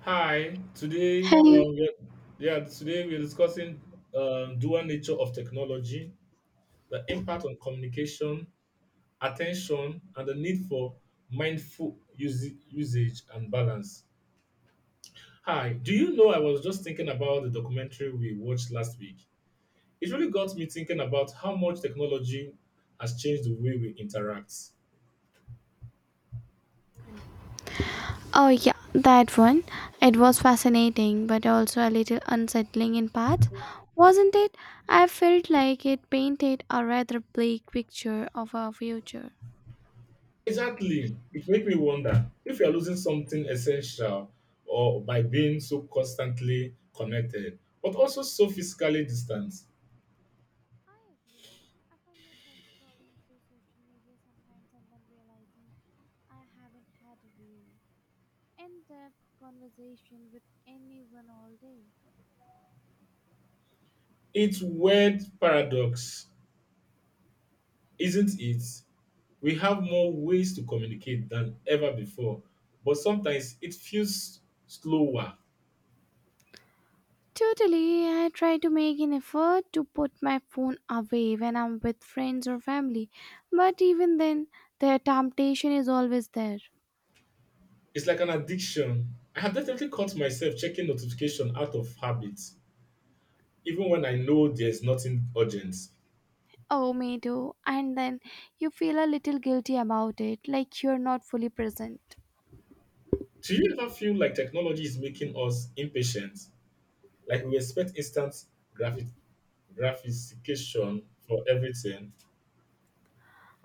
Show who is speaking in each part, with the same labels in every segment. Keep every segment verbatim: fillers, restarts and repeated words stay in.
Speaker 1: Hi, today, uh,
Speaker 2: Hey,
Speaker 1: we yeah, today we're discussing uh, dual nature of technology, the impact on communication, attention, and the need for mindful usi- usage and balance. Hi, do you know I was just thinking about the documentary we watched last week? It really got me thinking about how much technology has changed the way we interact.
Speaker 2: oh yeah, that one. It was fascinating, but also a little unsettling in parts, wasn't it? I felt like it painted a rather bleak picture of our future.
Speaker 1: Exactly. It makes me wonder if you are losing something essential or by being so constantly connected, but also so physically distant.
Speaker 2: I agree. I find myself scrolling through social media sometimes and then realizing I haven't had a real in depth conversation with anyone all day.
Speaker 1: It's weird paradox, isn't it? We have more ways to communicate than ever before, but sometimes it feels slower.
Speaker 2: Totally, I try to make an effort to put my phone away when I'm with friends or family, but even then, the temptation is always there.
Speaker 1: It's like an addiction. I have definitely caught myself checking notification out of habit, even when I know there's nothing urgent.
Speaker 2: Oh, me too. And then you feel a little guilty about it, like you're not fully present.
Speaker 1: Do you ever feel like technology is making us impatient? Like we expect instant graphic gratification for everything.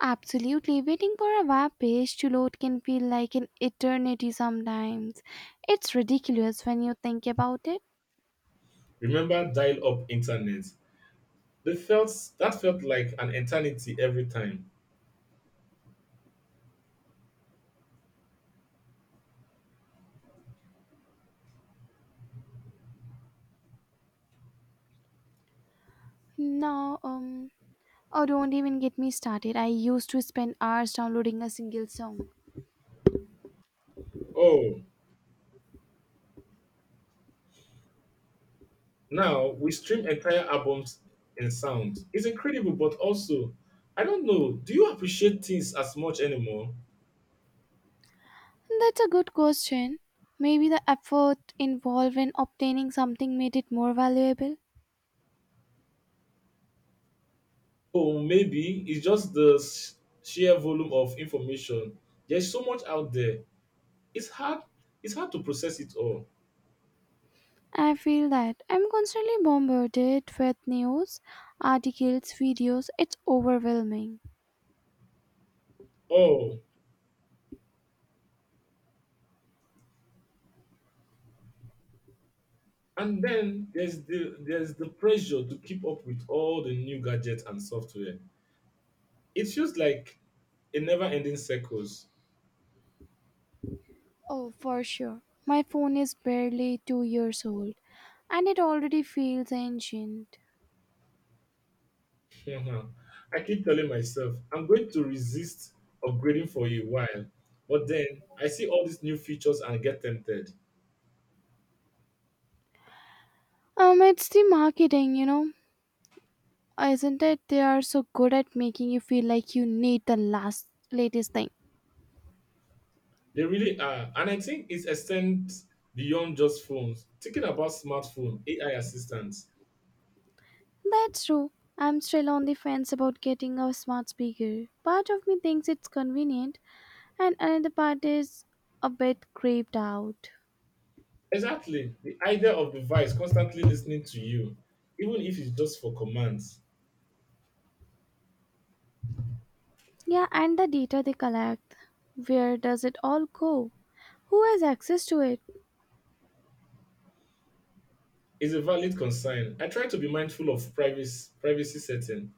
Speaker 2: Absolutely, waiting for a web page to load can feel like an eternity sometimes. It's ridiculous when you think about it.
Speaker 1: Remember dial-up internet? They felt that felt like an eternity every time.
Speaker 2: No, um, oh, don't even get me started. I used to spend hours downloading a single song.
Speaker 1: Oh, now we stream entire albums in sound. It's incredible, but also, I don't know. Do you appreciate things as much anymore?
Speaker 2: That's a good question. Maybe the effort involved in obtaining something made it more valuable.
Speaker 1: Oh, maybe it's just the s- sheer volume of information. There's so much out there. It's hard. It's hard to process it all.
Speaker 2: I feel that I'm constantly bombarded with news, articles, videos. It's overwhelming.
Speaker 1: Oh, and then there's the there's the pressure to keep up with all the new gadgets and software. It feels like a never-ending circles.
Speaker 2: Oh, for sure. My phone is barely two years old and it already feels ancient.
Speaker 1: I keep telling myself I'm going to resist upgrading for a while, but then I see all these new features and get tempted.
Speaker 2: Um, it's the marketing, you know, isn't it? They are so good at making you feel like you need the last, latest thing.
Speaker 1: They really are, and I think it extends beyond just phones. Thinking about smartphone A I assistants,
Speaker 2: That's true. I'm still on the fence about getting a smart speaker. Part of me thinks it's convenient, and another part is a bit creeped out.
Speaker 1: exactly the idea of device constantly listening to you, even if it's just for commands
Speaker 2: Yeah, and the data they collect. Where does it all go? Who has access to it?
Speaker 1: is a valid concern. I try to be mindful of privacy privacy setting,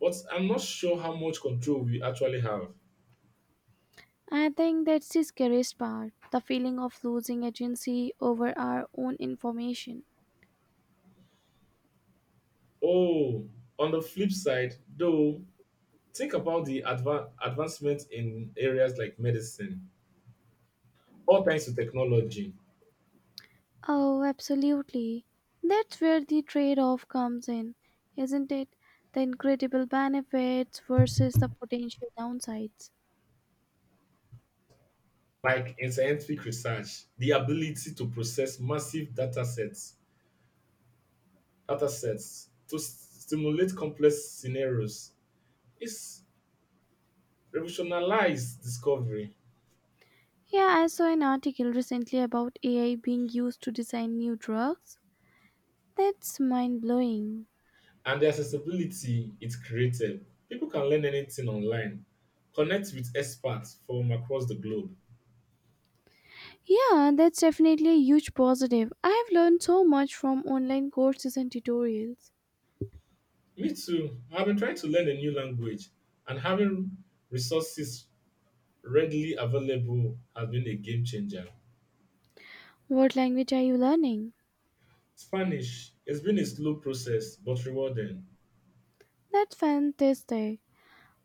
Speaker 1: but I'm not sure how much control we actually have.
Speaker 2: I think that's the scariest part the feeling of losing agency over our own information.
Speaker 1: Oh, on the flip side, though, think about the adva- advancement in areas like medicine, all thanks to technology,
Speaker 2: Oh, absolutely. That's where the trade off comes in, isn't it? The incredible benefits versus the potential downsides.
Speaker 1: like in scientific research, the ability to process massive data sets, data sets to s- stimulate complex scenarios is revolutionized discovery.
Speaker 2: Yeah, I saw an article recently about A I being used to design new drugs. That's mind blowing.
Speaker 1: And the accessibility it created. People can learn anything online, connect with experts from across the globe.
Speaker 2: Yeah, that's definitely a huge positive. I have learned so much from online courses and tutorials.
Speaker 1: Me too. I've been trying to learn a new language, and having resources readily available has been a game changer.
Speaker 2: What language are you learning?
Speaker 1: Spanish has been a slow process but rewarding.
Speaker 2: That's fantastic.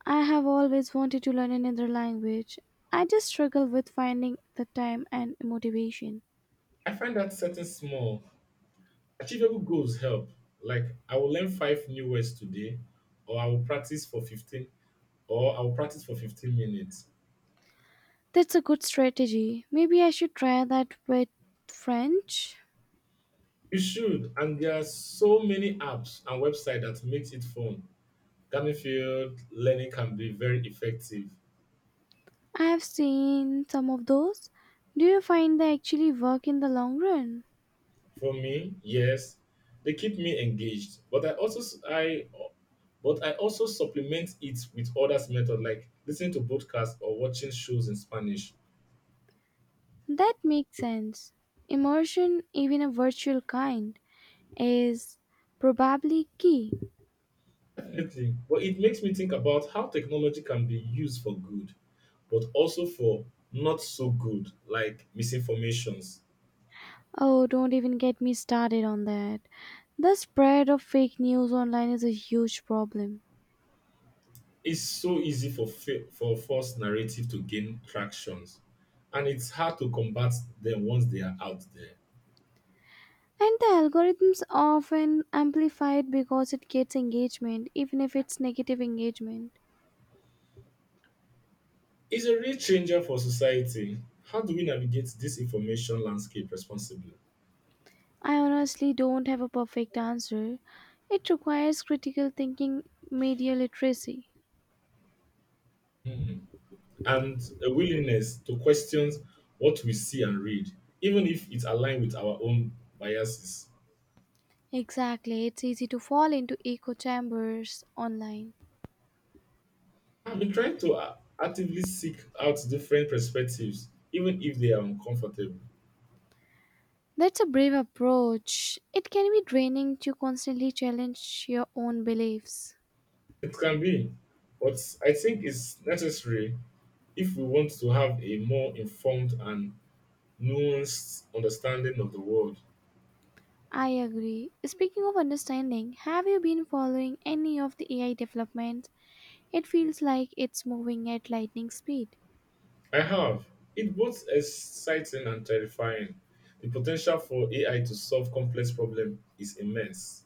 Speaker 2: I have always wanted to learn another language. I just struggle with finding the time and motivation.
Speaker 1: I find that setting small, achievable goals help. Like I will learn five new words today, or I will practice for fifteen, or I will practice for fifteen minutes.
Speaker 2: That's a good strategy. Maybe I should try that with French.
Speaker 1: You should, and there are so many apps and websites that makes it fun. Gamifield learning can be very effective.
Speaker 2: I have seen some of those. Do you find they actually work in the long run?
Speaker 1: For me, yes, they keep me engaged, but I also s- I but I also supplement it with others method like listening to podcasts or watching shows in Spanish.
Speaker 2: That makes sense. Immersion, even a virtual kind, is probably key.
Speaker 1: Definitely, but it makes me think about how technology can be used for good, but also for not so good, like misinformations.
Speaker 2: Oh, don't even get me started on that. The spread of fake news online is a huge problem.
Speaker 1: It's so easy for fa- for false narrative to gain tractions, and it's hard to combat them once they are out there.
Speaker 2: And the algorithms often amplify it because it gets engagement, even if it's negative engagement.
Speaker 1: It's a real changer for society. How do we navigate this information landscape responsibly?
Speaker 2: I honestly don't have a perfect answer. It requires critical thinking, media literacy.
Speaker 1: Hmm. And a willingness to question what we see and read, even if it aligns with our own biases.
Speaker 2: Exactly, it's easy to fall into echo chambers online.
Speaker 1: I've been trying to uh, actively seek out different perspectives, even if they are uncomfortable.
Speaker 2: That's a brave approach. It can be draining to constantly challenge your own beliefs.
Speaker 1: It can be, but I think it's necessary if we want to have a more informed and nuanced understanding of the world.
Speaker 2: I agree. Speaking of understanding, have you been following any of the A I developments? It feels like it's moving at lightning speed.
Speaker 1: I have. It. Both exciting and terrifying. The potential for A I to solve complex problems is immense.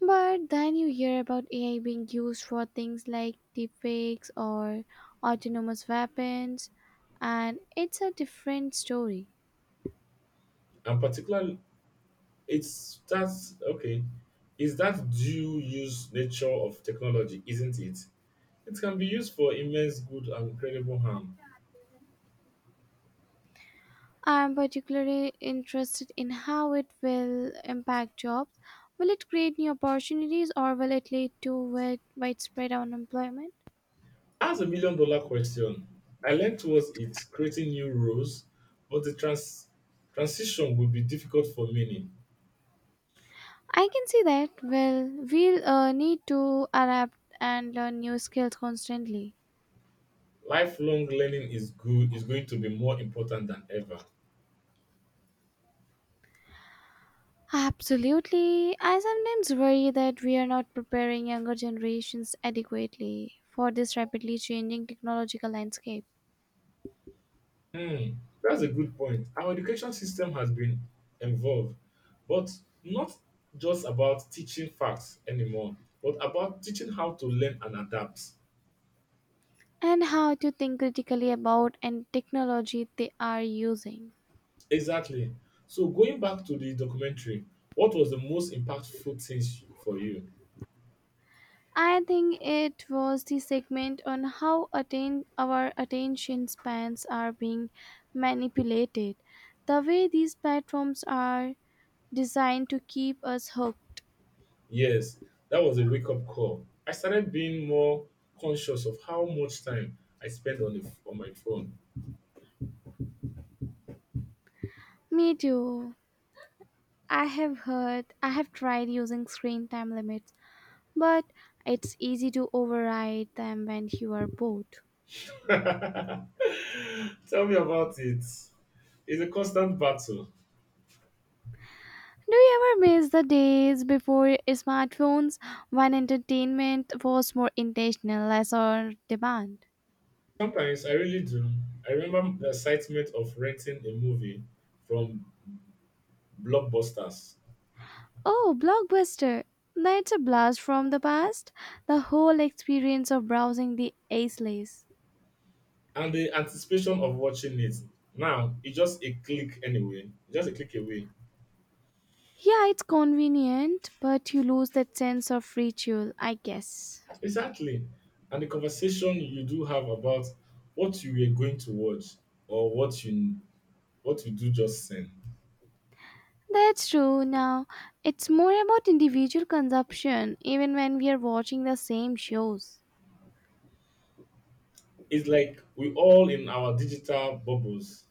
Speaker 2: But then you hear about A I being used for things like deepfakes or autonomous weapons, and it's a different story.
Speaker 1: And particularly, it's that, okay, is that due use nature of technology, isn't it? It can be used for immense good and incredible harm.
Speaker 2: I'm particularly interested in how it will impact jobs. Will it create new opportunities or will it lead to wide- widespread unemployment?
Speaker 1: As a million dollar question. I learned towards it, creating new roles, but the trans- transition will be difficult for many.
Speaker 2: I can see that. Well, we'll uh, need to adapt and learn new skills constantly.
Speaker 1: Lifelong learning is good is going to be more important than ever.
Speaker 2: Absolutely. I sometimes worry that we are not preparing younger generations adequately for this rapidly changing technological landscape
Speaker 1: Hmm, that's a good point. Our education system has been involved, but not just about teaching facts anymore, but about teaching how to learn and adapt.
Speaker 2: and how to think critically about and technology they are using.
Speaker 1: Exactly. So going back to the documentary, what was the most impactful thing for you?
Speaker 2: I think it was the segment on how attain our attention spans are being manipulated. The way these platforms are designed to keep us hooked.
Speaker 1: Yes, that was a wake up call. I started being more conscious of how much time I spend on the f- on my phone.
Speaker 2: Me too. I have heard, I have tried using screen time limits, but it's easy to override them when you are bored.
Speaker 1: Tell me about it. It's a constant battle.
Speaker 2: Do you ever miss the days before smartphones when entertainment was more intentional, less on demand?
Speaker 1: Sometimes I really do. I remember the excitement of renting a movie from Blockbusters
Speaker 2: Oh, Blockbuster! That's a blast from the past. The whole experience of browsing the aisles.
Speaker 1: and the anticipation of watching it. Now it's just a click anyway, just a click away.
Speaker 2: Yeah, it's convenient, but you lose that sense of ritual, I guess.
Speaker 1: Exactly. And the conversation you do have about what you were going to watch or what you what you do just send.
Speaker 2: That's true. Now, it's more about individual consumption, even when we are watching the same shows.
Speaker 1: It's like we all in our digital bubbles.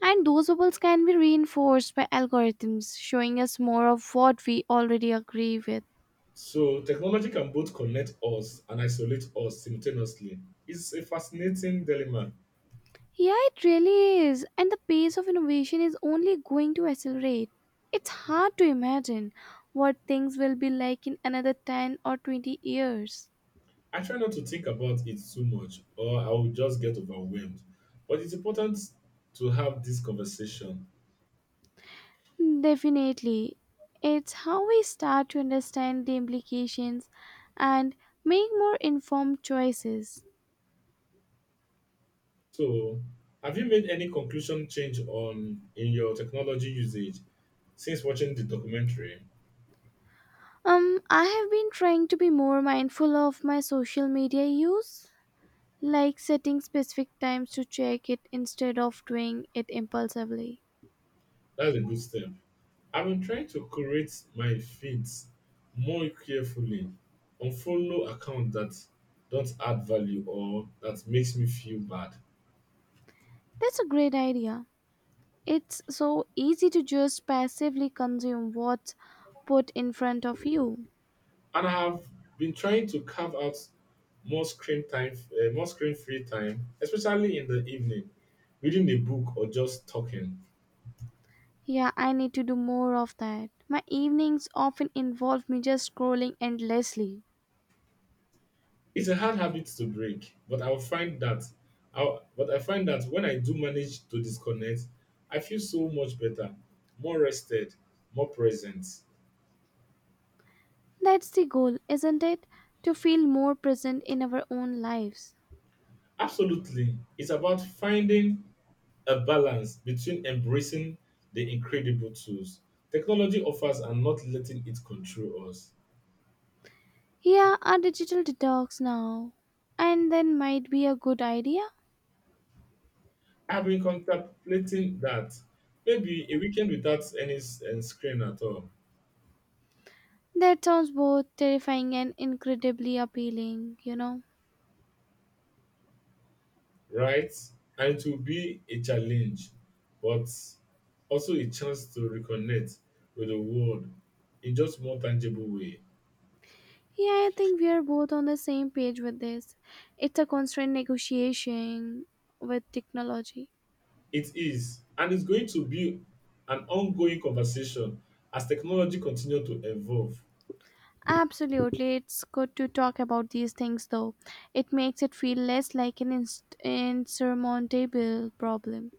Speaker 2: And those bubbles can be reinforced by algorithms showing us more of what we already agree with.
Speaker 1: So technology can both connect us and isolate us simultaneously. It's a fascinating dilemma.
Speaker 2: Yeah, it really is. And the pace of innovation is only going to accelerate. It's hard to imagine what things will be like in another ten or twenty years.
Speaker 1: I try not to think about it too much or I will just get overwhelmed. But it's important to have this conversation.
Speaker 2: Definitely. It's how we start to understand the implications and make more informed choices.
Speaker 1: So, have you made any conclusion change on in your technology usage since watching the documentary?
Speaker 2: Um, I have been trying to be more mindful of my social media use, like setting specific times to check it instead of doing it impulsively.
Speaker 1: That's a good step. I've been trying to curate my feeds more carefully, unfollow accounts that don't add value or that makes me feel bad,
Speaker 2: That's a great idea. It's so easy to just passively consume what's put in front of you.
Speaker 1: and I have been trying to carve out more screen time, uh, more screen free time, especially in the evening, reading a book or just talking.
Speaker 2: Yeah, I need to do more of that. My evenings often involve me just scrolling endlessly.
Speaker 1: It's a hard habit to break, but I'll find that I'll, but I find that when I do manage to disconnect, I feel so much better, more rested, more present.
Speaker 2: That's the goal, isn't it? To feel more present in our own lives.
Speaker 1: Absolutely. It's about finding a balance between embracing the incredible tools technology offers and not letting it control us.
Speaker 2: Yeah, a digital detox now. And then might be a good idea.
Speaker 1: I've been contemplating that maybe a weekend without any s- eh, screen at all,
Speaker 2: That sounds both terrifying and incredibly appealing, you know.
Speaker 1: right? And it will be a challenge, but also a chance to reconnect with the world in just more tangible way.
Speaker 2: Yeah, I think we are both on the same page with this. It's a constant negotiation with technology.
Speaker 1: It is, and it's going to be an ongoing conversation as technology continues to evolve.
Speaker 2: Absolutely. It's good to talk about these things though. It makes it feel less like an inst- insurmountable problem.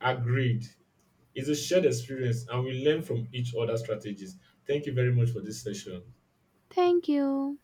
Speaker 1: Agreed. It's a shared experience, and we learn from each other's strategies. Thank you very much for this session.
Speaker 2: Thank you.